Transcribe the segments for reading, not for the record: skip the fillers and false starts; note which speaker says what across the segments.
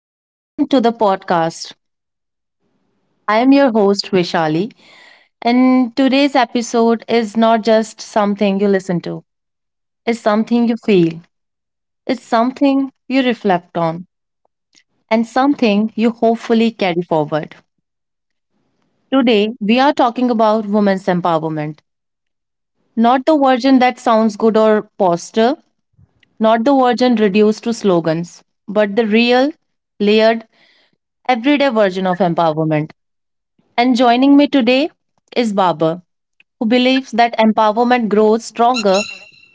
Speaker 1: Welcome to the podcast. I am your host, Vishali, and today's episode is not just something you listen to, it's something you feel, it's something you reflect on, and something you hopefully carry forward. Today, we are talking about women's empowerment. Not the version that sounds good or poster, not the version reduced to slogans, but the real, layered, everyday version of empowerment. And joining me today is Baba, who believes that empowerment grows stronger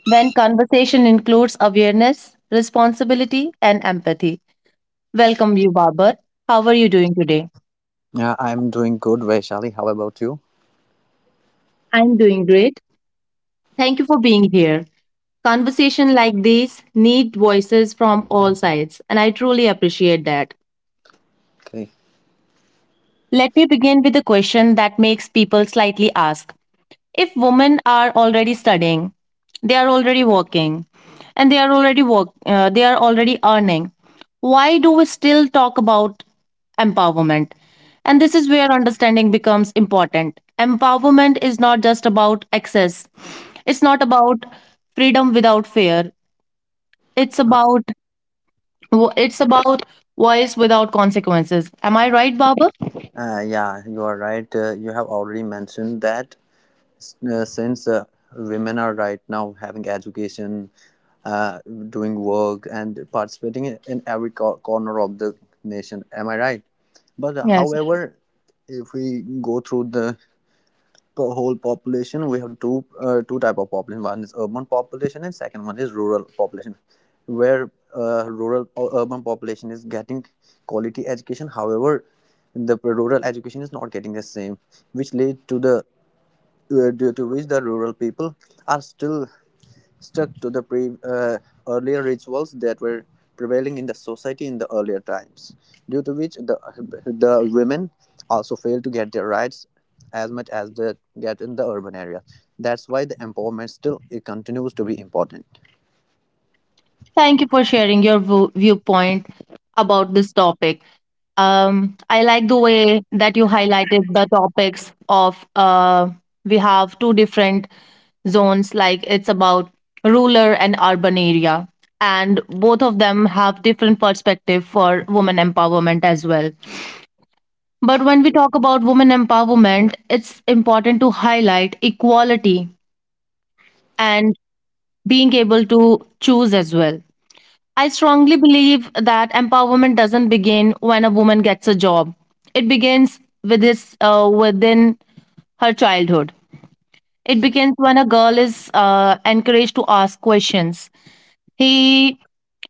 Speaker 1: when conversation includes awareness, responsibility, and empathy. Welcome, you, Babar. How are you doing today?
Speaker 2: Yeah, I'm doing good, Vaishali. How about you?
Speaker 1: I'm doing great. Thank you for being here. Conversation like these need voices from all sides, and I truly appreciate that.
Speaker 2: Okay.
Speaker 1: Let me begin with a question that makes people slightly ask if women are already studying, they are already working, and they are already earning, why do we still talk about empowerment? And this is where understanding becomes important. Empowerment is not just about access. It's not about freedom without fear. It's
Speaker 2: Uh,
Speaker 1: about it's about voice without consequences. Am I right, Baba?
Speaker 2: yeah, you are right. You have already mentioned that since women are right now having education, uh, doing work, and participating in every corner of the nation. Am I right? But
Speaker 1: Yes.
Speaker 2: however, if we go through the whole population, we have two type of population. One is urban population and second one is rural population, where rural or urban population is getting quality education, however the rural education is not getting the same, which lead to the due to which the rural people are still stuck to the earlier rituals that were prevailing in the society in the earlier times, due to which the women also fail to get their rights as much as they get in the urban area. That's why the empowerment still it continues to be important.
Speaker 1: Thank you for sharing your viewpoint about this topic. I like the way that you highlighted the topics of, we have two different zones, like it's about rural and urban area, and both of them have different perspective for women empowerment as well. But when we talk about women empowerment, it's important to highlight equality and being able to choose as well. I strongly believe that empowerment doesn't begin when a woman gets a job. It begins with this within her childhood. It begins when a girl is, encouraged to ask questions. He,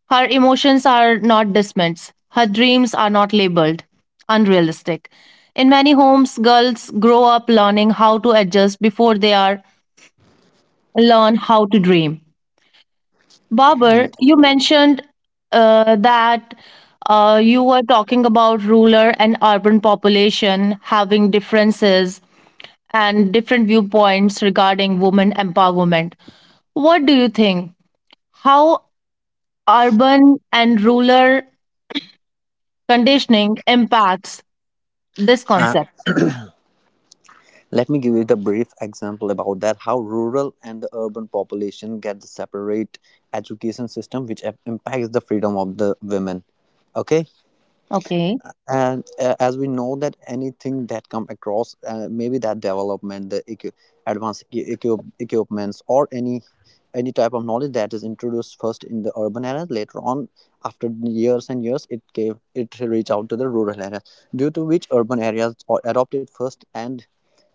Speaker 1: her emotions are not dismissed. Her dreams are not labeled unrealistic. In many homes, girls grow up learning how to adjust before they are learn how to dream. Babar,
Speaker 2: Yeah.
Speaker 1: you mentioned, that, you were talking about rural and urban population having differences and different viewpoints regarding women empowerment. What do you think? How urban and rural conditioning impacts this
Speaker 2: uh,
Speaker 1: concept?
Speaker 2: let me give you the brief example about that how rural and the urban population get the separate education system which impacts the freedom of the women. Okay.
Speaker 1: Okay.
Speaker 2: And as we know that anything that come across, maybe that development, the advanced equipments or any type of knowledge that is introduced first in the urban areas, later on after years and years it gave it reach out to the rural areas, due to which urban areas adopt it first, and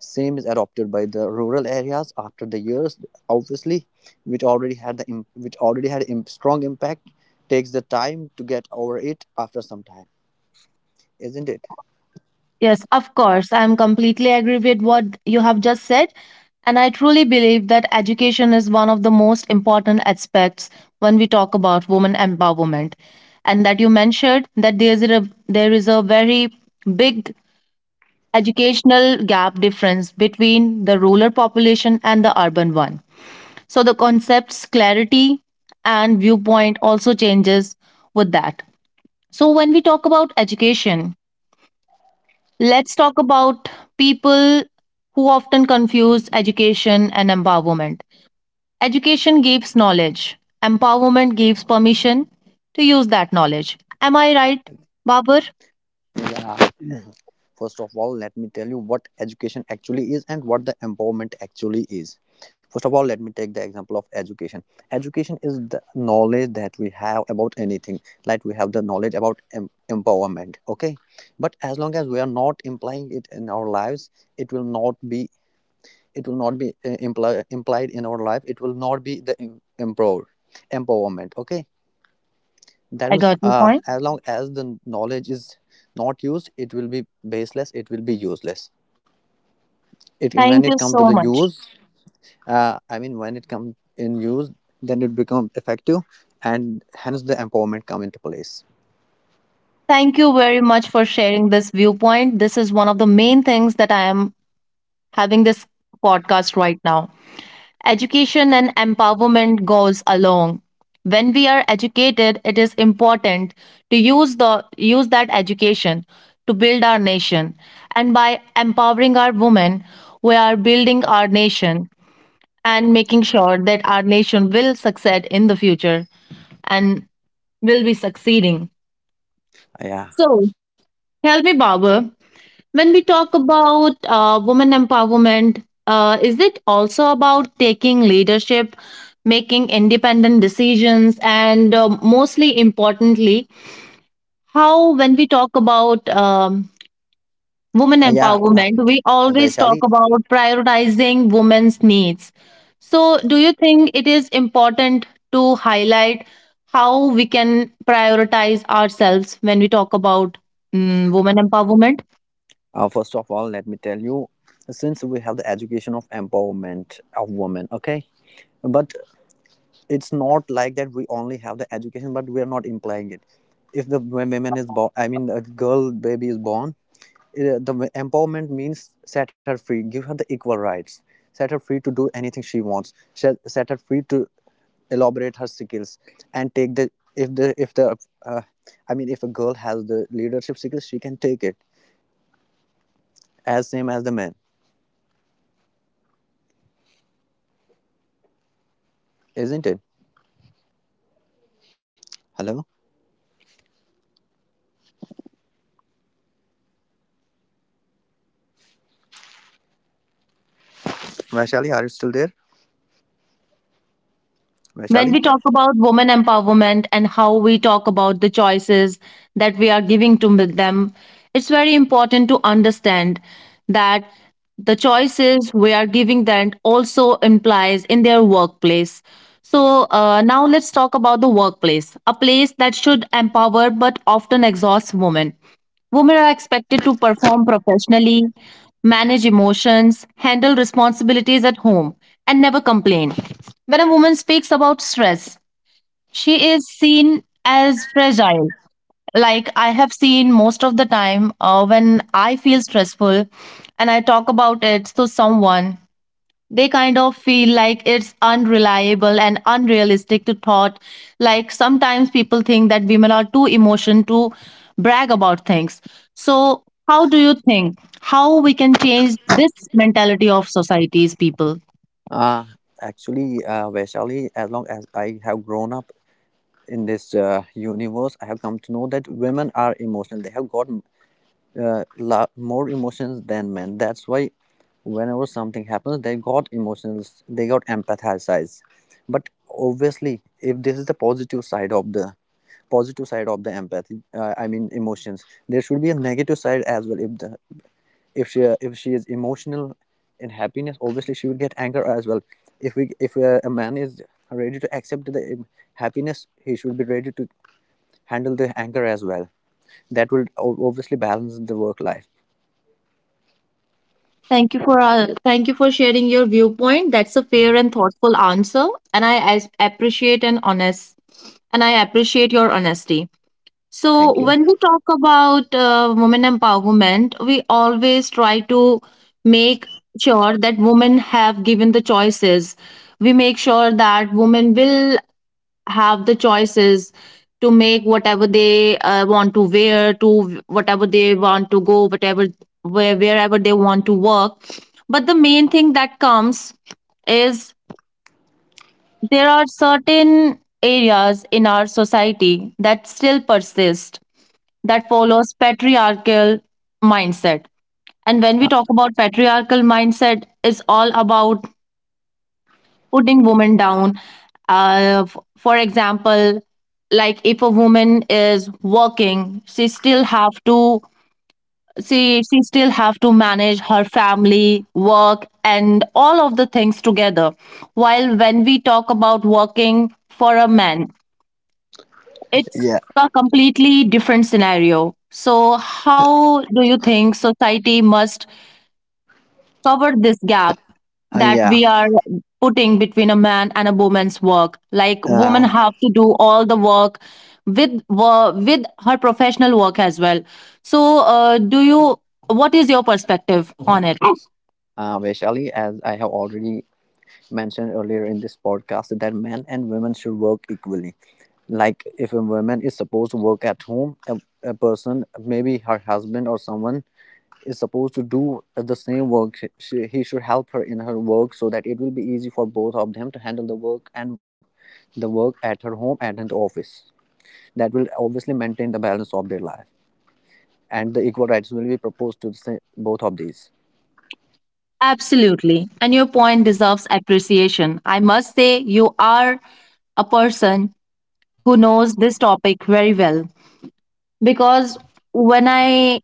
Speaker 2: same is adopted by the rural areas after the years, obviously, which already had the which already had strong impact, takes the time to get over it after some time. Isn't it?
Speaker 1: Yes, of course. I'm completely agree with what you have just said. And I truly believe that education is one of the most important aspects when we talk about women empowerment. And that you mentioned that there is a very big educational gap difference between the rural population and the urban one. So the concepts clarity and viewpoint also changes with that. So when we talk about education, let's talk about people who often confuse education and empowerment. Education gives knowledge, empowerment gives permission to use that knowledge. Am I right, Babur?
Speaker 2: Yeah. First of all, let me tell you what education actually is and what the empowerment actually is. First of all, let me take the example of education. Education is the knowledge that we have about anything, like we have the knowledge about empowerment. Okay, but as long as we are not implying it in our lives, it will not be. It will not be implied in our life. It will not be the empowerment. Okay, that
Speaker 1: I
Speaker 2: means
Speaker 1: got your point.
Speaker 2: as long as the knowledge is not used, it will be baseless, it will be useless. It, when
Speaker 1: Thank you
Speaker 2: it comes
Speaker 1: so
Speaker 2: to the
Speaker 1: much.
Speaker 2: use, I mean when it comes in use, then it become effective, and hence the empowerment come into place.
Speaker 1: Thank you very much for sharing this viewpoint. This is one of the main things that I am having this podcast right now. Education and empowerment goes along. When we are educated, it is important to use the use that education to build our nation. And by empowering our women, we are building our nation and making sure that our nation will succeed in the future and will be succeeding.
Speaker 2: Yeah.
Speaker 1: So tell me, Baba, when we talk about, women empowerment, is it also about taking leadership, making independent decisions, and mostly importantly, how when we talk about, women
Speaker 2: Yeah,
Speaker 1: empowerment, we always talk
Speaker 2: Vaishali,
Speaker 1: about prioritizing women's needs. So, do you think it is important to highlight how we can prioritize ourselves when we talk about, women empowerment?
Speaker 2: first of all let me tell you, since we have the education of empowerment of women. Okay, but it's not like that we only have the education but we are not implying it. If the woman is born, I mean a girl baby is born, the empowerment means set her free, give her the equal rights, set her free to do anything she wants, set her free to elaborate her skills, and take the if the if the uh, I mean if a girl has the leadership skills, she can take it as same as the man. Isn't it? Hello. Vaishali, are you still there?
Speaker 1: When
Speaker 2: Vaishali.
Speaker 1: we talk about women empowerment and how we talk about the choices that we are giving to them, it's very important to understand that the choices we are giving them also implies in their workplace. So, now let's talk about the workplace, a place that should empower but often exhausts women. Women are expected to perform professionally, manage emotions, handle responsibilities at home, and never complain. When a woman speaks about stress, she is seen as fragile. Like I have seen most of the time, when I feel stressful and I talk about it to someone, they kind of feel like it's unreliable and unrealistic to thought, like sometimes people think that women are too emotion to brag about things. So how do you think how we can change this mentality of society's people?
Speaker 2: Uh, actually, Vaishali, as long as I have grown up in this universe, I have come to know that women are emotional. They have got more emotions than men. That's why whenever something happens, they got emotions, they got empathized. But obviously, if this is the positive side of the empathy, I mean emotions, there should be a negative side as well. If she is emotional in happiness, obviously she will get anger as well. If we if uh, a man is ready to accept the happiness, he should be ready to handle the anger as well. That will obviously balance the work life.
Speaker 1: Thank you for sharing your viewpoint. That's a fair and thoughtful answer, and I appreciate and honest, and I appreciate your honesty. So,
Speaker 2: Thank you.
Speaker 1: when we talk about, women empowerment, we always try to make sure that women have given the choices. We make sure that women will have the choices to make whatever they, want to wear, to whatever they want to go, whatever wherever they want to work. But the main thing that comes is there are certain areas in our society that still persist that follows patriarchal mindset. And when we talk about patriarchal mindset, it's all about putting women down. For example, like if a woman is working, she she still have to manage her family, work, and all of the things together. While when we talk about working for a man, it's
Speaker 2: Yeah.
Speaker 1: a completely different scenario. So, how do you think society must cover this gap
Speaker 2: uh,
Speaker 1: that
Speaker 2: yeah
Speaker 1: we are putting between a man and a woman's work? Like, women
Speaker 2: uh,
Speaker 1: have to do all the work with her professional work as well. So, do you? What is your perspective on it?
Speaker 2: uh, Vaishali, as I have already mentioned earlier in this podcast, that men and women should work equally. Like, if a woman is supposed to work at home, a person, maybe her husband or someone, is supposed to do the same work, he should help her in her work so that it will be easy for both of them to handle the work and the work at her home and in the office. That will obviously maintain the balance of their life, and the equal rights will be proposed to the, both of these.
Speaker 1: Absolutely, and your point deserves appreciation. I must say, you are a person who knows this topic very well, because when I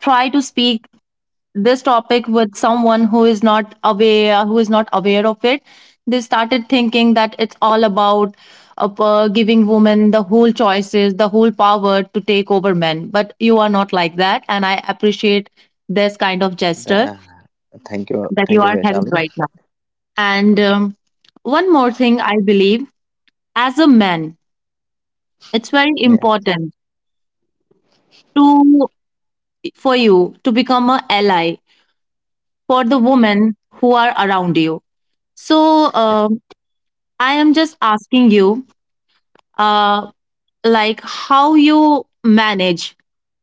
Speaker 1: try to speak this topic with someone who is not aware, they started thinking that it's all about, giving women the whole choices, the whole power to take over men. But you are not like that, and I appreciate this kind of
Speaker 2: The-
Speaker 1: gesture
Speaker 2: uh, Thank you. Thank
Speaker 1: that
Speaker 2: you,
Speaker 1: you are
Speaker 2: Vaishali.
Speaker 1: having right now. And, one more thing, I believe, as a man, it's very
Speaker 2: Yeah.
Speaker 1: important to for you to become a ally for the women who are around you. So,
Speaker 2: Yeah.
Speaker 1: I am just asking you, uh, like how you manage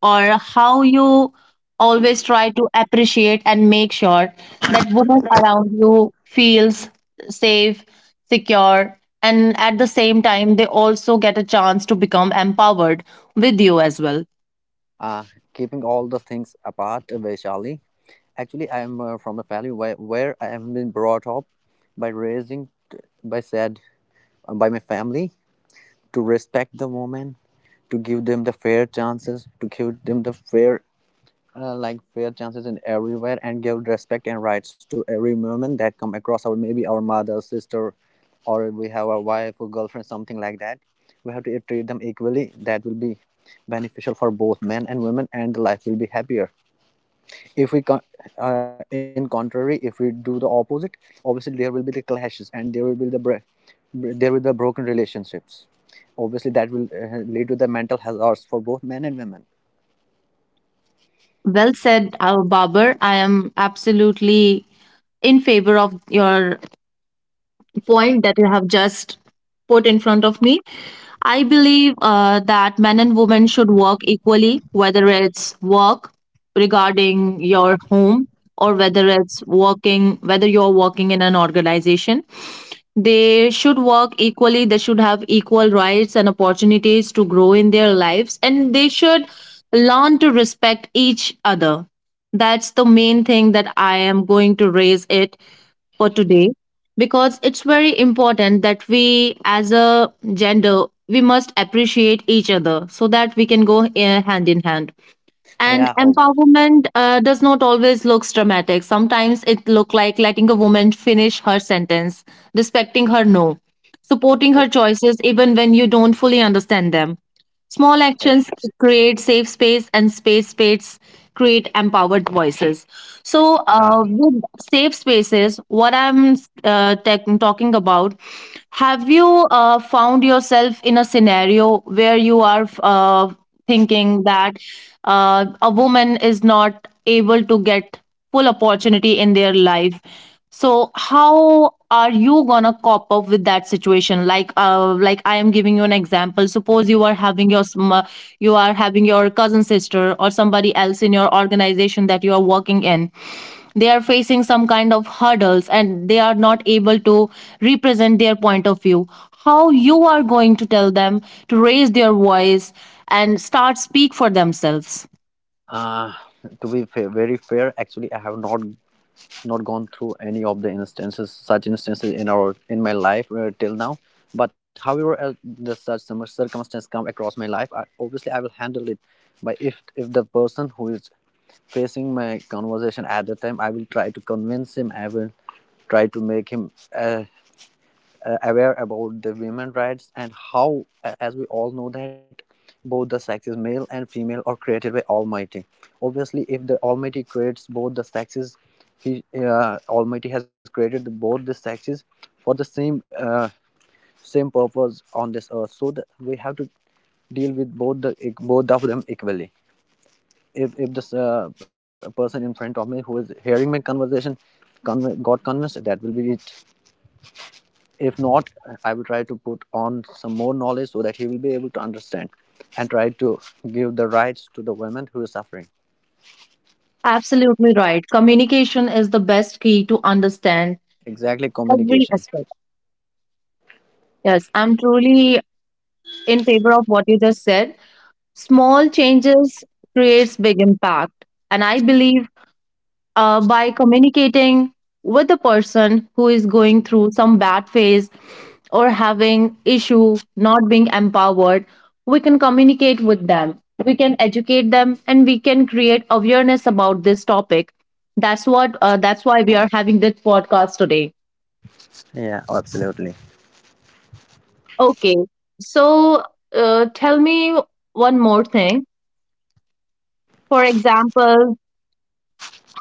Speaker 1: or how you always try to appreciate and make sure that women around you feels safe, secure, and at the same time they also get a chance to become empowered with you as well.
Speaker 2: uh, keeping all the things apart, Vaishali, actually I am from a family where I have been brought up by raising, by said, by my family, to respect the women, to give them the fair chances, to give them the fair, like fair chances in everywhere, and give respect and rights to every woman that come across, our maybe our mother, sister, or we have a wife or girlfriend, something like that. We have to treat them equally. That will be beneficial for both men and women, and the life will be happier. If we in contrary, if we do the opposite, obviously there will be the clashes, and there will be the there will be the broken relationships. Obviously that will lead to the mental hazards for both men and women.
Speaker 1: Well said, Babar. I am absolutely in favor of your point that you have just put in front of me. I believe that men and women should work equally, whether it's work regarding your home or whether whether you're working in an organization. They should work equally, they should have equal rights and opportunities to grow in their lives, and they should learn to respect each other. That's the main thing that I am going to raise it for today, because it's very important that we as a gender we must appreciate each other so that we can go, hand in hand.
Speaker 2: Uh,
Speaker 1: And
Speaker 2: yeah oh,
Speaker 1: empowerment, does not always looks dramatic. Sometimes it look like letting a woman finish her sentence, respecting her, no, supporting her
Speaker 2: oh,
Speaker 1: choices even when you don't fully understand them. Small
Speaker 2: I-
Speaker 1: actions create safe space, and space create empowered voices. So,
Speaker 2: uh,
Speaker 1: with safe spaces, what I'm, talking about, have you, found yourself in a scenario where you are, thinking that, a woman is not able to get full opportunity in their life. So how are you gonna cop up with that situation? Like I am giving you an example. Suppose you are having your you are having your cousin sister or somebody else in your organization that you are working in. They are facing some kind of hurdles and they are not able to represent their point of view. How you are going to tell them to raise their voice and start speak for themselves?
Speaker 2: uh, to be very fair, actually I have not gone through any of the instances, such instances in my life till now. But however, the such some circumstance come across my life, obviously I will handle it by, if the person who is facing my conversation at the time, I will try to convince him, I will try to make him uh, aware about the women rights, and how as we all know that both the sexes, male and female, are created by almighty. Obviously if the almighty creates both the sexes, he, almighty has created the, both the sexes for the same purpose on this earth, so that we have to deal with both of them equally. If this, person in front of me who is hearing my conversation, con got convinced, that will be it. If not, I will try to put on some more knowledge so that he will be able to understand and try to give the rights to the women who is suffering.
Speaker 1: Absolutely right. Communication is the best key to understand
Speaker 2: Exactly,
Speaker 1: every
Speaker 2: communication.
Speaker 1: aspect. Yes, I'm truly in favor of what you just said. Small changes creates big impact, and I believe, by communicating with the person who is going through some bad phase or having issue not being empowered, we can communicate with them, we can educate them, and we can create awareness about this topic. That's why we are having this podcast today.
Speaker 2: Yeah, absolutely.
Speaker 1: Okay, so, tell me one more thing. For example,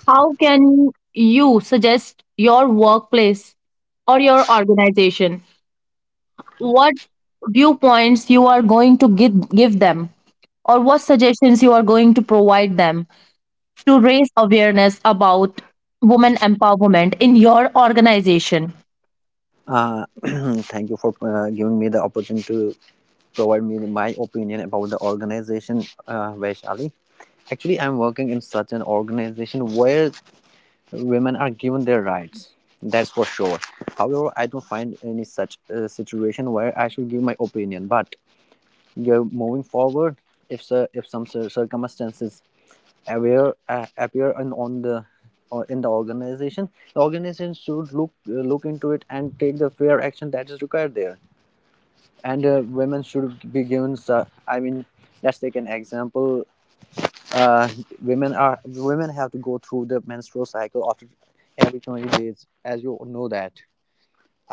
Speaker 1: how can you suggest your workplace or your organization, what viewpoints you are going to give them, or what suggestions you are going to provide them to raise awareness about women empowerment in your organization.
Speaker 2: uh, Thank you for giving me the opportunity to provide me my opinion about the organization, Vaishali. Actually, I'm working in such an organization where women are given their rights, that's for sure. However, I don't find any such situation where I should give my opinion, but you're moving forward. If so, if some circumstances appear in, on the, or in the organization, the organization should look into it and take the fair action that is required there. And women should be given I mean, let's take an example. uh, women have to go through the menstrual cycle after every 20 days, as you know that.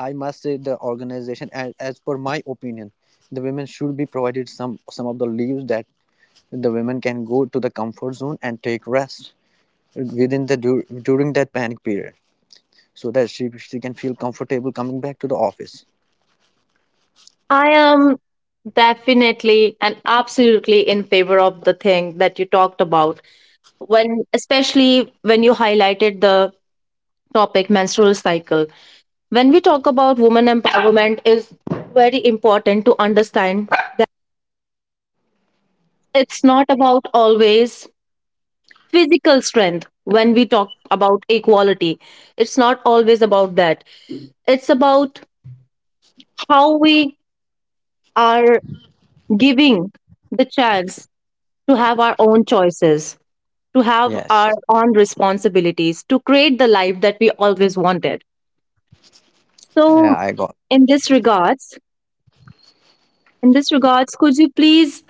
Speaker 2: I must say the organization, as per my opinion, the women should be provided some of the leaves, that the women can go to the comfort zone and take rest within the during that panic period, so that she can feel comfortable coming back to the office.
Speaker 1: I am definitely and absolutely in favor of the thing that you talked about when, especially when you highlighted the topic menstrual cycle. When we talk about women empowerment is very important to understand it's not about always physical strength when we talk about equality. It's not always about that, it's about how we are giving the chance to have our own choices, to
Speaker 2: Yes.
Speaker 1: have our own responsibilities, to create the life that we always wanted.
Speaker 2: Yeah, I
Speaker 1: So,
Speaker 2: got.
Speaker 1: in this regards, could you please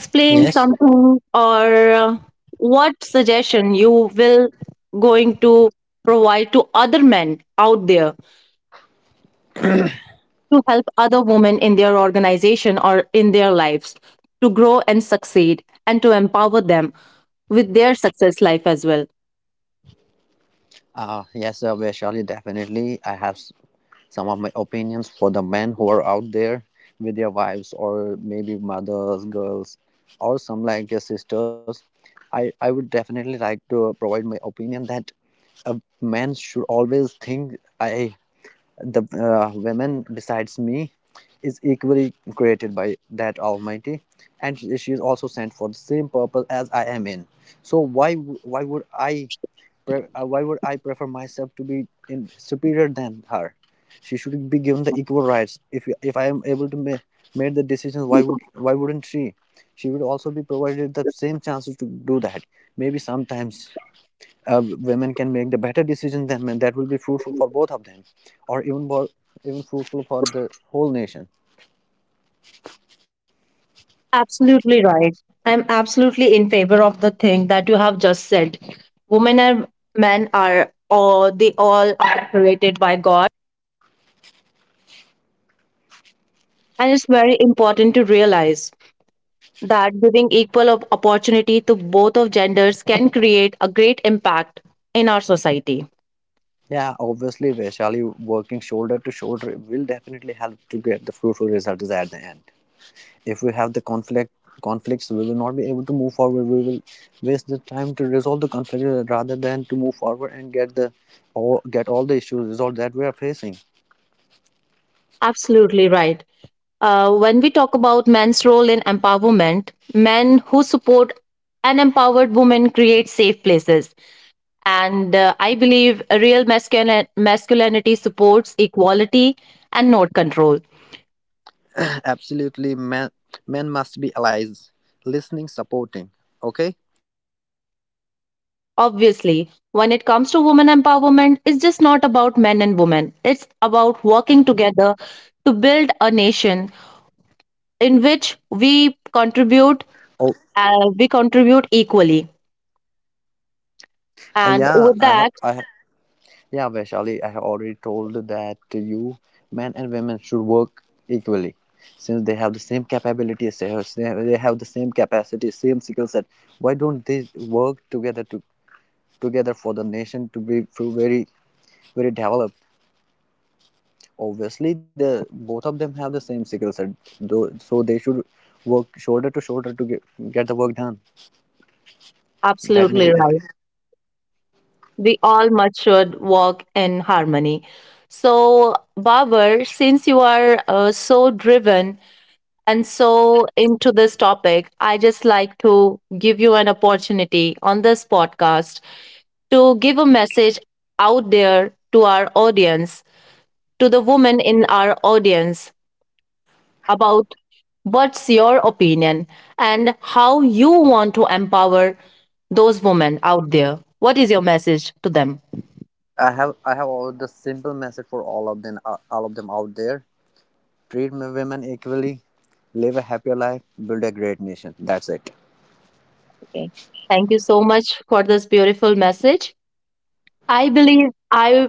Speaker 2: Yes.
Speaker 1: something or what suggestion you will going to provide to other men out there to help other women in their organization or in their lives to grow and succeed and to empower them with their success life as well.
Speaker 2: Yes, Vaishali, definitely I have some of my opinions for the men who are out there with their wives or maybe mothers, girls, or some like your sisters. I would definitely like to provide my opinion that a man should always think, I the women besides me is equally created by that almighty, and she is also sent for the same purpose as I am in. So why, why would i why would I prefer myself to be in superior than her? She should be given the equal rights. If I am able to make the decisions, why wouldn't she? She would also be provided the same chances to do that. Maybe sometimes women can make the better decision than men. That will be fruitful for both of them, or even more, even fruitful for the whole nation.
Speaker 1: Absolutely right. I'm absolutely in favor of the thing that you have just said. Women and men are, or they all are created by God. And it's very important to realize that giving equal opportunity to both of genders can create a great impact in our society.
Speaker 2: Yeah, obviously, Vaishali, working shoulder to shoulder will definitely help to get the fruitful results at the end. If we have the conflict conflicts, we will not be able to move forward. We will waste the time to resolve the conflict, rather than to move forward and get the all get all the issues resolved that we are facing.
Speaker 1: Absolutely right. When we talk about men's role in empowerment, men who support an empowered woman create safe places. And I believe real masculinity supports equality and not control.
Speaker 2: Absolutely, men must be allies, listening, supporting. Okay.
Speaker 1: Obviously, when it comes to women empowerment, it's just not about men and women. It's about working together to build a nation in which
Speaker 3: Oh,
Speaker 1: we contribute equally.
Speaker 3: uh,
Speaker 1: And
Speaker 3: yeah,
Speaker 1: with
Speaker 3: I have,
Speaker 1: that,
Speaker 3: I have, yeah, Vaishali, I have already told that to you men and women should work equally since they have the same capabilities, they have the same capacity, same skill set. Why don't they work together to together for the nation to be to very developed? Obviously, the both of them have the same skill set, though, so they should work shoulder to shoulder to get the work done. That may
Speaker 1: absolutely
Speaker 3: be.
Speaker 1: right. We all much should walk in harmony. So, Babar, since you are so driven and so into this topic, I just like to give you an opportunity on this podcast to give a message out there to our audience, to the women in our audience about what's your opinion and how you want to empower those women out there. What is your message to them?
Speaker 3: I have all the simple message for all of them out there, treat women equally, live a happier life, build a great nation. That's it.
Speaker 1: Okay. Thank you so much for this beautiful message. I believe I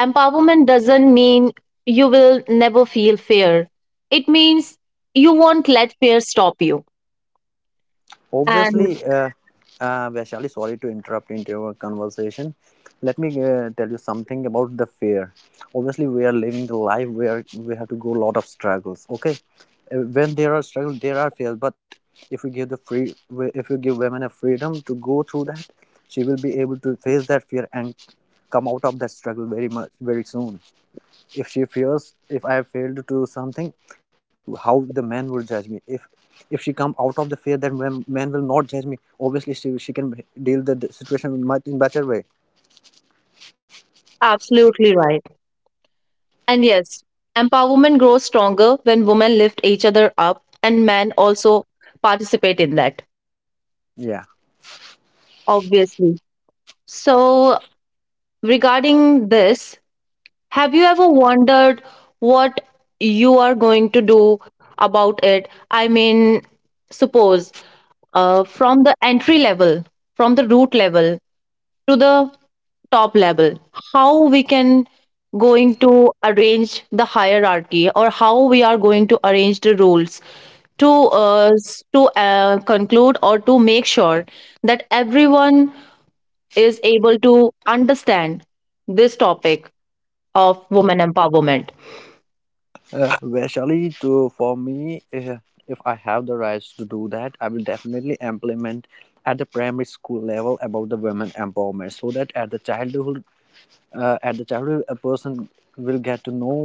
Speaker 1: empowerment doesn't mean you will never feel fear. It means you won't let fear stop you.
Speaker 3: Obviously,
Speaker 1: And
Speaker 3: uh, Vaishali, sorry to interrupt into your conversation. Let me tell you something about the fear. Obviously, we are living the life where we have to go a lot of struggles. Okay, when there are struggles, there are fears. But if we give the free, if we give women a freedom to go through that, she will be able to face that fear and come out of that struggle very soon if she fears if I have failed to do something how the man will judge me if she come out of the fear that when man will not judge me obviously she can deal the situation much in better way.
Speaker 1: absolutely right. And yes, empowerment grows stronger when women lift each other up and men also participate in that.
Speaker 3: Yeah.
Speaker 1: Obviously. So regarding this, have you ever wondered what you are going to do about it? I mean, suppose from the entry level, from the root level to the top level, how we can going to arrange the hierarchy or how we are going to arrange the rules to conclude or to make sure that everyone is able to understand this topic of women empowerment.
Speaker 3: uh, actually to for me, if I have the rights to do that I will definitely implement at the primary school level about the women empowerment so that at the childhood, at the childhood a person will get to know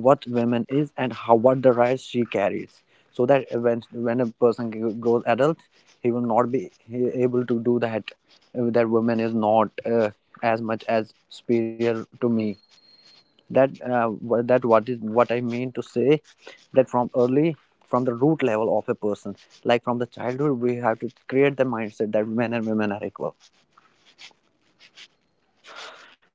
Speaker 3: what women is and how what the rights she carries so that when a person grows adult he will not be able to do that, that woman is not as much as superior to me that that what is what I mean to say that from early, from the root level of a person, like from the childhood we have to create the mindset that men and women are equal.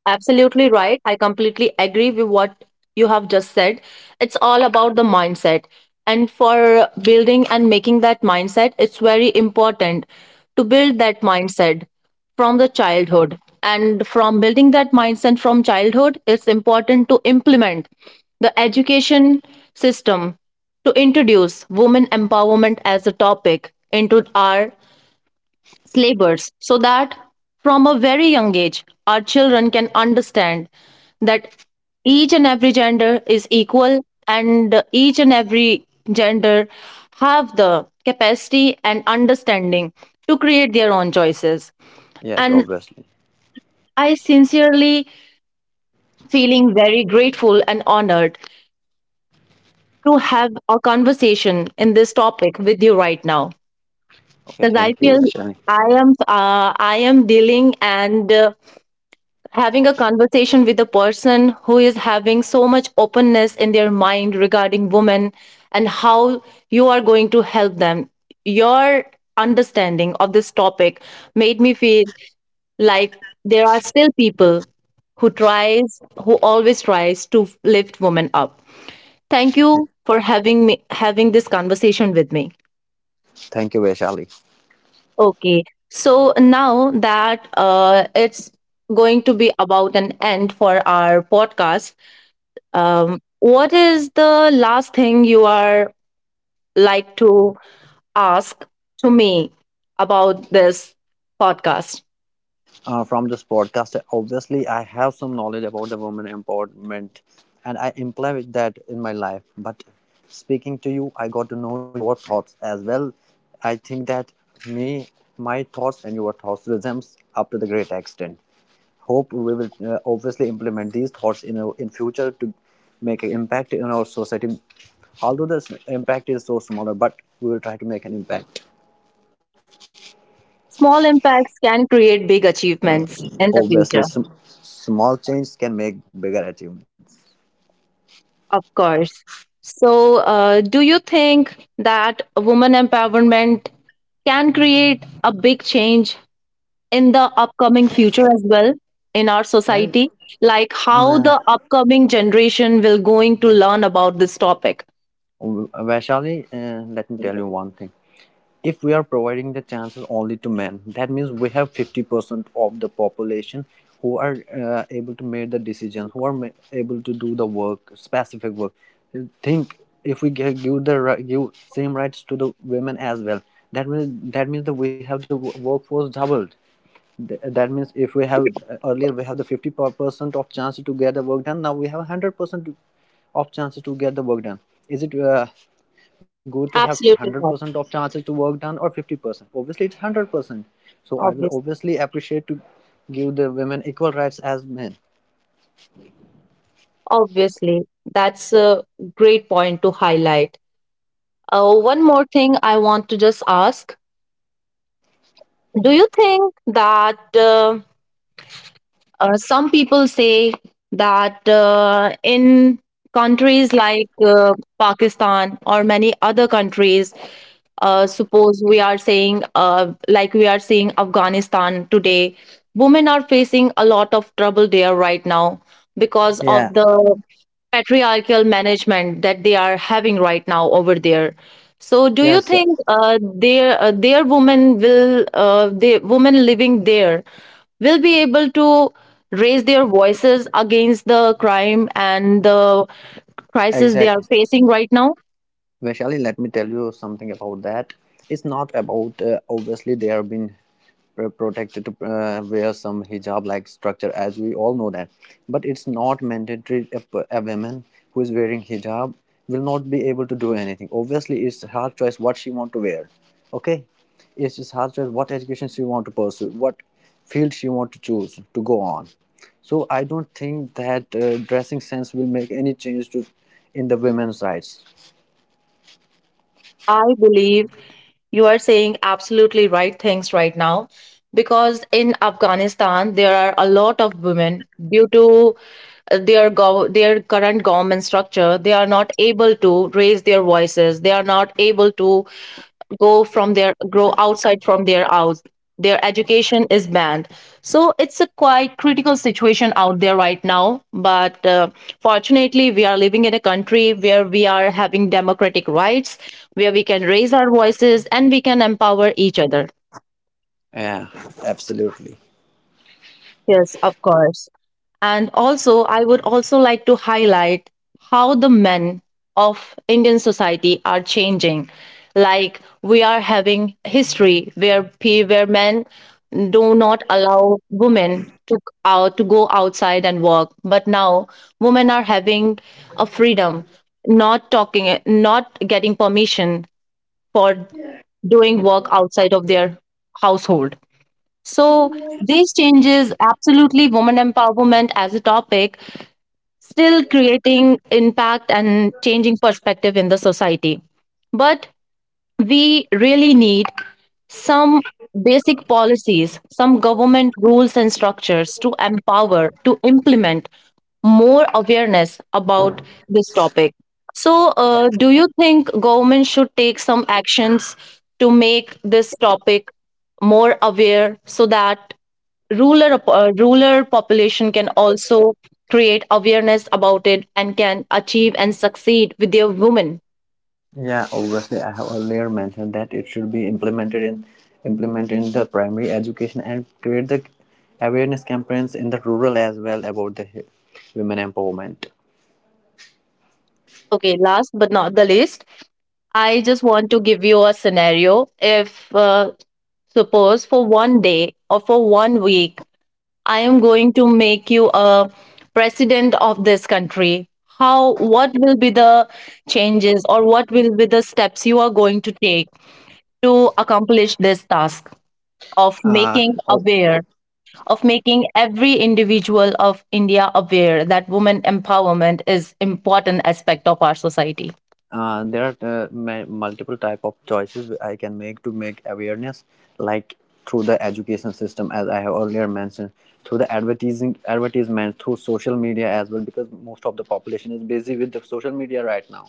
Speaker 1: Absolutely right. I completely agree with what you have just said. It's all about the mindset. And for building and making that mindset, it's very important to build that mindset from the childhood. And from building that mindset from childhood, it's important to implement the education system to introduce women empowerment as a topic into our slavers so that from a very young age our children can understand that each and every gender is equal and each and every gender have the capacity and understanding to create their own choices.
Speaker 3: Yes,
Speaker 1: And
Speaker 3: obviously.
Speaker 1: I sincerely feeling very grateful and honored to have a conversation in this topic with you right now
Speaker 3: Okay,
Speaker 1: because I
Speaker 3: thank
Speaker 1: feel
Speaker 3: you Ashani.
Speaker 1: i am I am dealing and having a conversation with a person who is having so much openness in their mind regarding women and how you are going to help them. Your understanding of this topic made me feel like there are still people who always tries to lift women up. Thank you for having this conversation with me.
Speaker 3: Thank you, Vaishali.
Speaker 1: Okay, so now that it's going to be about an end for our podcast, um, what is the last thing you are like to ask to me about this podcast?
Speaker 3: From this podcast, obviously, I have some knowledge about the women empowerment and I implement that in my life. But speaking to you, I got to know your thoughts as well. I think that me, my thoughts and your thoughts resembles up to the great extent. Hope we will obviously implement these thoughts in our, in future to make an impact in our society. Although this impact is so smaller, but we will try to make an impact.
Speaker 1: Small impacts can create big achievements in the
Speaker 3: Obviously,
Speaker 1: future,
Speaker 3: small change can make bigger achievements.
Speaker 1: of course. So, do you think that woman empowerment can create a big change in the upcoming future as well in our
Speaker 3: Yeah.
Speaker 1: society? Like how
Speaker 3: Mm,
Speaker 1: the upcoming generation will going to learn about this topic?
Speaker 3: Vaishali, let me tell you one thing. If we are providing the chances only to men, that means we have 50% of the population who are able to make the decisions, who are able to do the work, specific work. Think, if we give same rights to the women as well, that means that we have the workforce doubled. That means if we have earlier we have the 50% of chance to get the work done, now we have 100% of chances to get the work done. Is it good to have 100
Speaker 1: Absolutely
Speaker 3: percent
Speaker 1: not.
Speaker 3: of chances to work done or 50%? Obviously it's 100%. So I will
Speaker 1: Obviously,
Speaker 3: obviously appreciate to give the women equal rights as men.
Speaker 1: obviously, that's a great point to highlight. One more thing I want to just ask. Do you think that some people say that in countries like Pakistan or many other countries, suppose we are saying like we are seeing Afghanistan today, women are facing a lot of trouble there right now because of
Speaker 3: Yeah.
Speaker 1: the patriarchal management that they are having right now over there. So do you
Speaker 3: Yes.
Speaker 1: think their women will the women living there will be able to raise their voices against the crime and the crisis they are
Speaker 3: Exactly.
Speaker 1: facing right now?
Speaker 3: Vaishali, let me tell you something about that. It's not about, obviously they have been protected to wear some hijab like structure as we all know that, but it's not mandatory a woman who is wearing hijab will not be able to do anything. Obviously it's her choice what she want to wear. Okay, it's just her choice what education she want to pursue, what field she want to choose to go on. So I don't think that dressing sense will make any change to in the women's rights.
Speaker 1: I believe you are saying absolutely right things right now because in Afghanistan there are a lot of women due to their current government structure, they are not able to raise their voices, they are not able to go from their grow outside from their house, their education is banned. So it's a quite critical situation out there right now, but fortunately we are living in a country where we are having democratic rights, where we can raise our voices and we can empower each other.
Speaker 3: Yeah, absolutely.
Speaker 1: Yes, of course. And also, I would also like to highlight how the men of Indian society are changing. Like we are having history where where men do not allow women to out to go outside and work, but now women are having a freedom, not talking, not getting permission for doing work outside of their household. So these changes, absolutely women empowerment as a topic, still creating impact and changing perspective in the society. But we really need some basic policies, some government rules and structures to empower, to implement more awareness about this topic. So, do you think government should take some actions to make this topic more aware so that ruler rural population can also create awareness about it and can achieve and succeed with their women?
Speaker 3: Yeah, obviously, I have earlier mentioned that it should be implemented in the primary education and create the awareness campaigns in the rural as well about the women empowerment.
Speaker 1: Okay, last but not the least, I just want to give you a scenario. If, suppose, for 1 day or for 1 week, I am going to make you a president of this country, what will be the changes or what will be the steps you are going to take to accomplish this task of
Speaker 3: Uh,
Speaker 1: making
Speaker 3: oh,
Speaker 1: aware, of making every individual of India aware that women empowerment is important aspect of our society?
Speaker 3: there are multiple type of choices I can make to make awareness, like through the education system, as I have earlier mentioned, through the advertising advertisement, through social media as well, because most of the population is busy with the social media right now,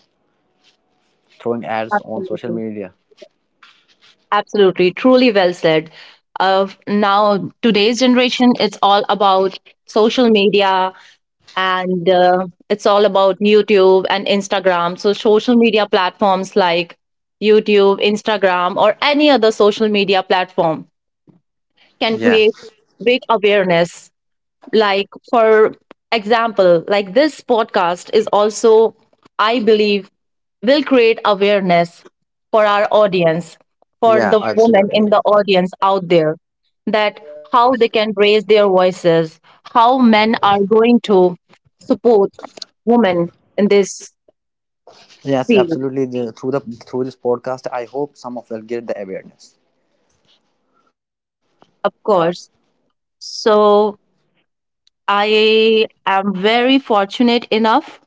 Speaker 3: throwing ads on social
Speaker 1: Absolutely.
Speaker 3: media.
Speaker 1: Absolutely, truly well said. Of now, today's generation, it's all about social media and it's all about YouTube and Instagram. So, social media platforms like YouTube, Instagram, or any other social media platform can
Speaker 3: Yeah,
Speaker 1: create big awareness. Like, for example, like this podcast is also, I believe, will create awareness for our audience, for
Speaker 3: yeah,
Speaker 1: the women
Speaker 3: absolutely.
Speaker 1: in the audience out there, that how they can raise their voices, how men are going to support women in this
Speaker 3: Yes,
Speaker 1: field,
Speaker 3: absolutely, through the, through this podcast I hope some of will get the awareness.
Speaker 1: of course. So I am very fortunate enough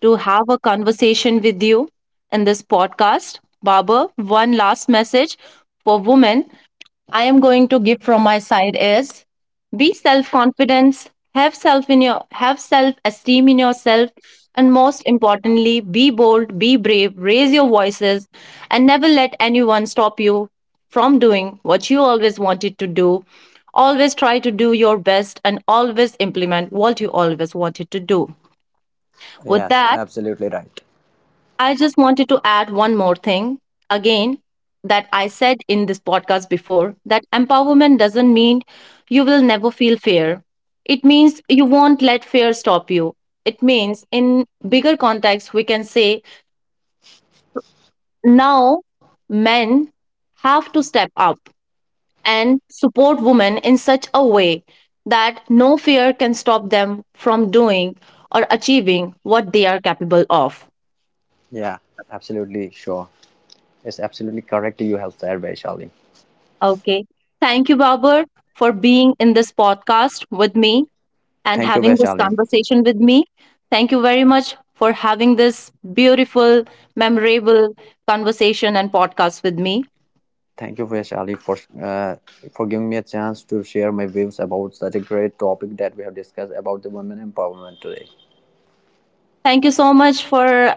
Speaker 1: to have a conversation with you in this podcast. Baba, one last message for women I am going to give from my side is be self-confidence, have self-esteem in yourself, and most importantly, be bold, be brave, raise your voices, and never let anyone stop you from doing what you always wanted to do. Always try to do your best and always implement what you always wanted to do. With
Speaker 3: Yes,
Speaker 1: that,
Speaker 3: absolutely right.
Speaker 1: I just wanted to add one more thing. Again, that I said in this podcast before that empowerment doesn't mean you will never feel fear. It means you won't let fear stop you. It means, in bigger context, we can say now men have to step up and support women in such a way that no fear can stop them from doing or achieving what they are capable of.
Speaker 3: Yeah, absolutely sure, it's absolutely correct you have said, Vaishali.
Speaker 1: Okay. Thank you, Babar, for being in this podcast with me and
Speaker 3: Thank you,
Speaker 1: having this
Speaker 3: Vaishali.
Speaker 1: conversation with me. Thank you very much for having this beautiful, memorable conversation and podcast with me.
Speaker 3: Thank you, Vaishali, uh, for giving me a chance to share my views about such a great topic that we have discussed about the women empowerment today.
Speaker 1: Thank you so much for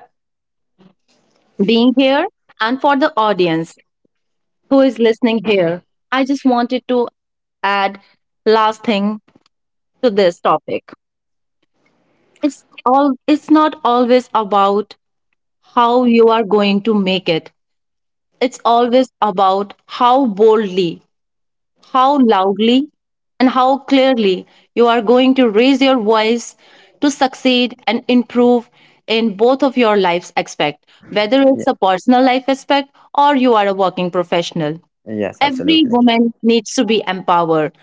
Speaker 1: being here and for the audience who is listening here. I just wanted to add last thing to this topic. It's not always about how you are going to make it. It's always about how boldly, how loudly, and how clearly you are going to raise your voice to succeed and improve in both of your life's aspect, whether
Speaker 3: Yeah.
Speaker 1: it's a personal life aspect or you are a working professional.
Speaker 3: Yes,
Speaker 1: Every
Speaker 3: absolutely.
Speaker 1: woman needs to be empowered,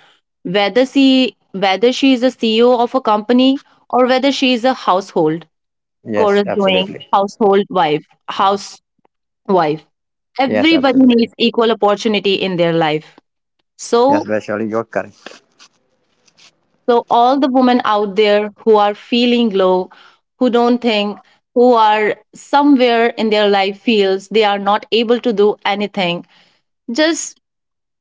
Speaker 1: whether she is a CEO of a company or whether she is a household
Speaker 3: Yes,
Speaker 1: chorus doing
Speaker 3: absolutely.
Speaker 1: household wife, house wife.
Speaker 3: Yes,
Speaker 1: Everybody
Speaker 3: absolutely.
Speaker 1: needs equal opportunity in their life. So,
Speaker 3: Yes, Vaishali, you're correct.
Speaker 1: so all the women out there who are feeling low, who don't think, who are somewhere in their life feels they are not able to do anything, just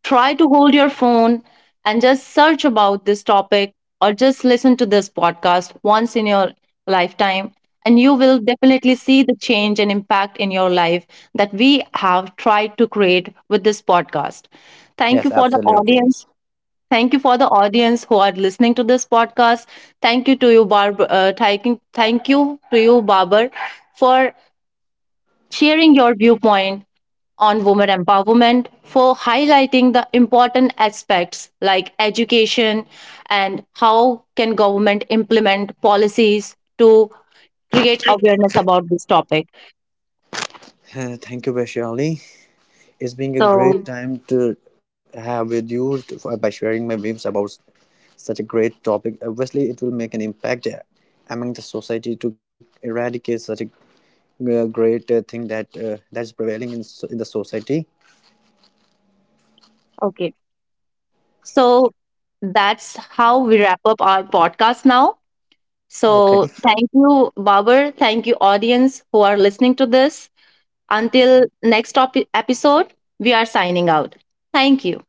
Speaker 1: try to hold your phone and just search about this topic or just listen to this podcast once in your lifetime and you will definitely see the change and impact in your life that we have tried to create with this podcast. Thank you
Speaker 3: Yes,
Speaker 1: for the
Speaker 3: absolutely.
Speaker 1: audience, thank you for the audience who are listening to this podcast. Thank you to you thank you to you barber for sharing your viewpoint on women empowerment, for highlighting the important aspects like education and how can government implement policies to create awareness about this topic.
Speaker 3: Thank you, Bashir Ali. It's been a
Speaker 1: So
Speaker 3: great time to have with you by sharing my views about such a great topic. Obviously, it will make an impact among the society to eradicate such a great thing that that's prevailing in in the society.
Speaker 1: okay, so that's how we wrap up our podcast now.
Speaker 3: Okay.
Speaker 1: So thank you, Babar, thank you audience who are listening to this. Until next topic episode, we are signing out. Thank you.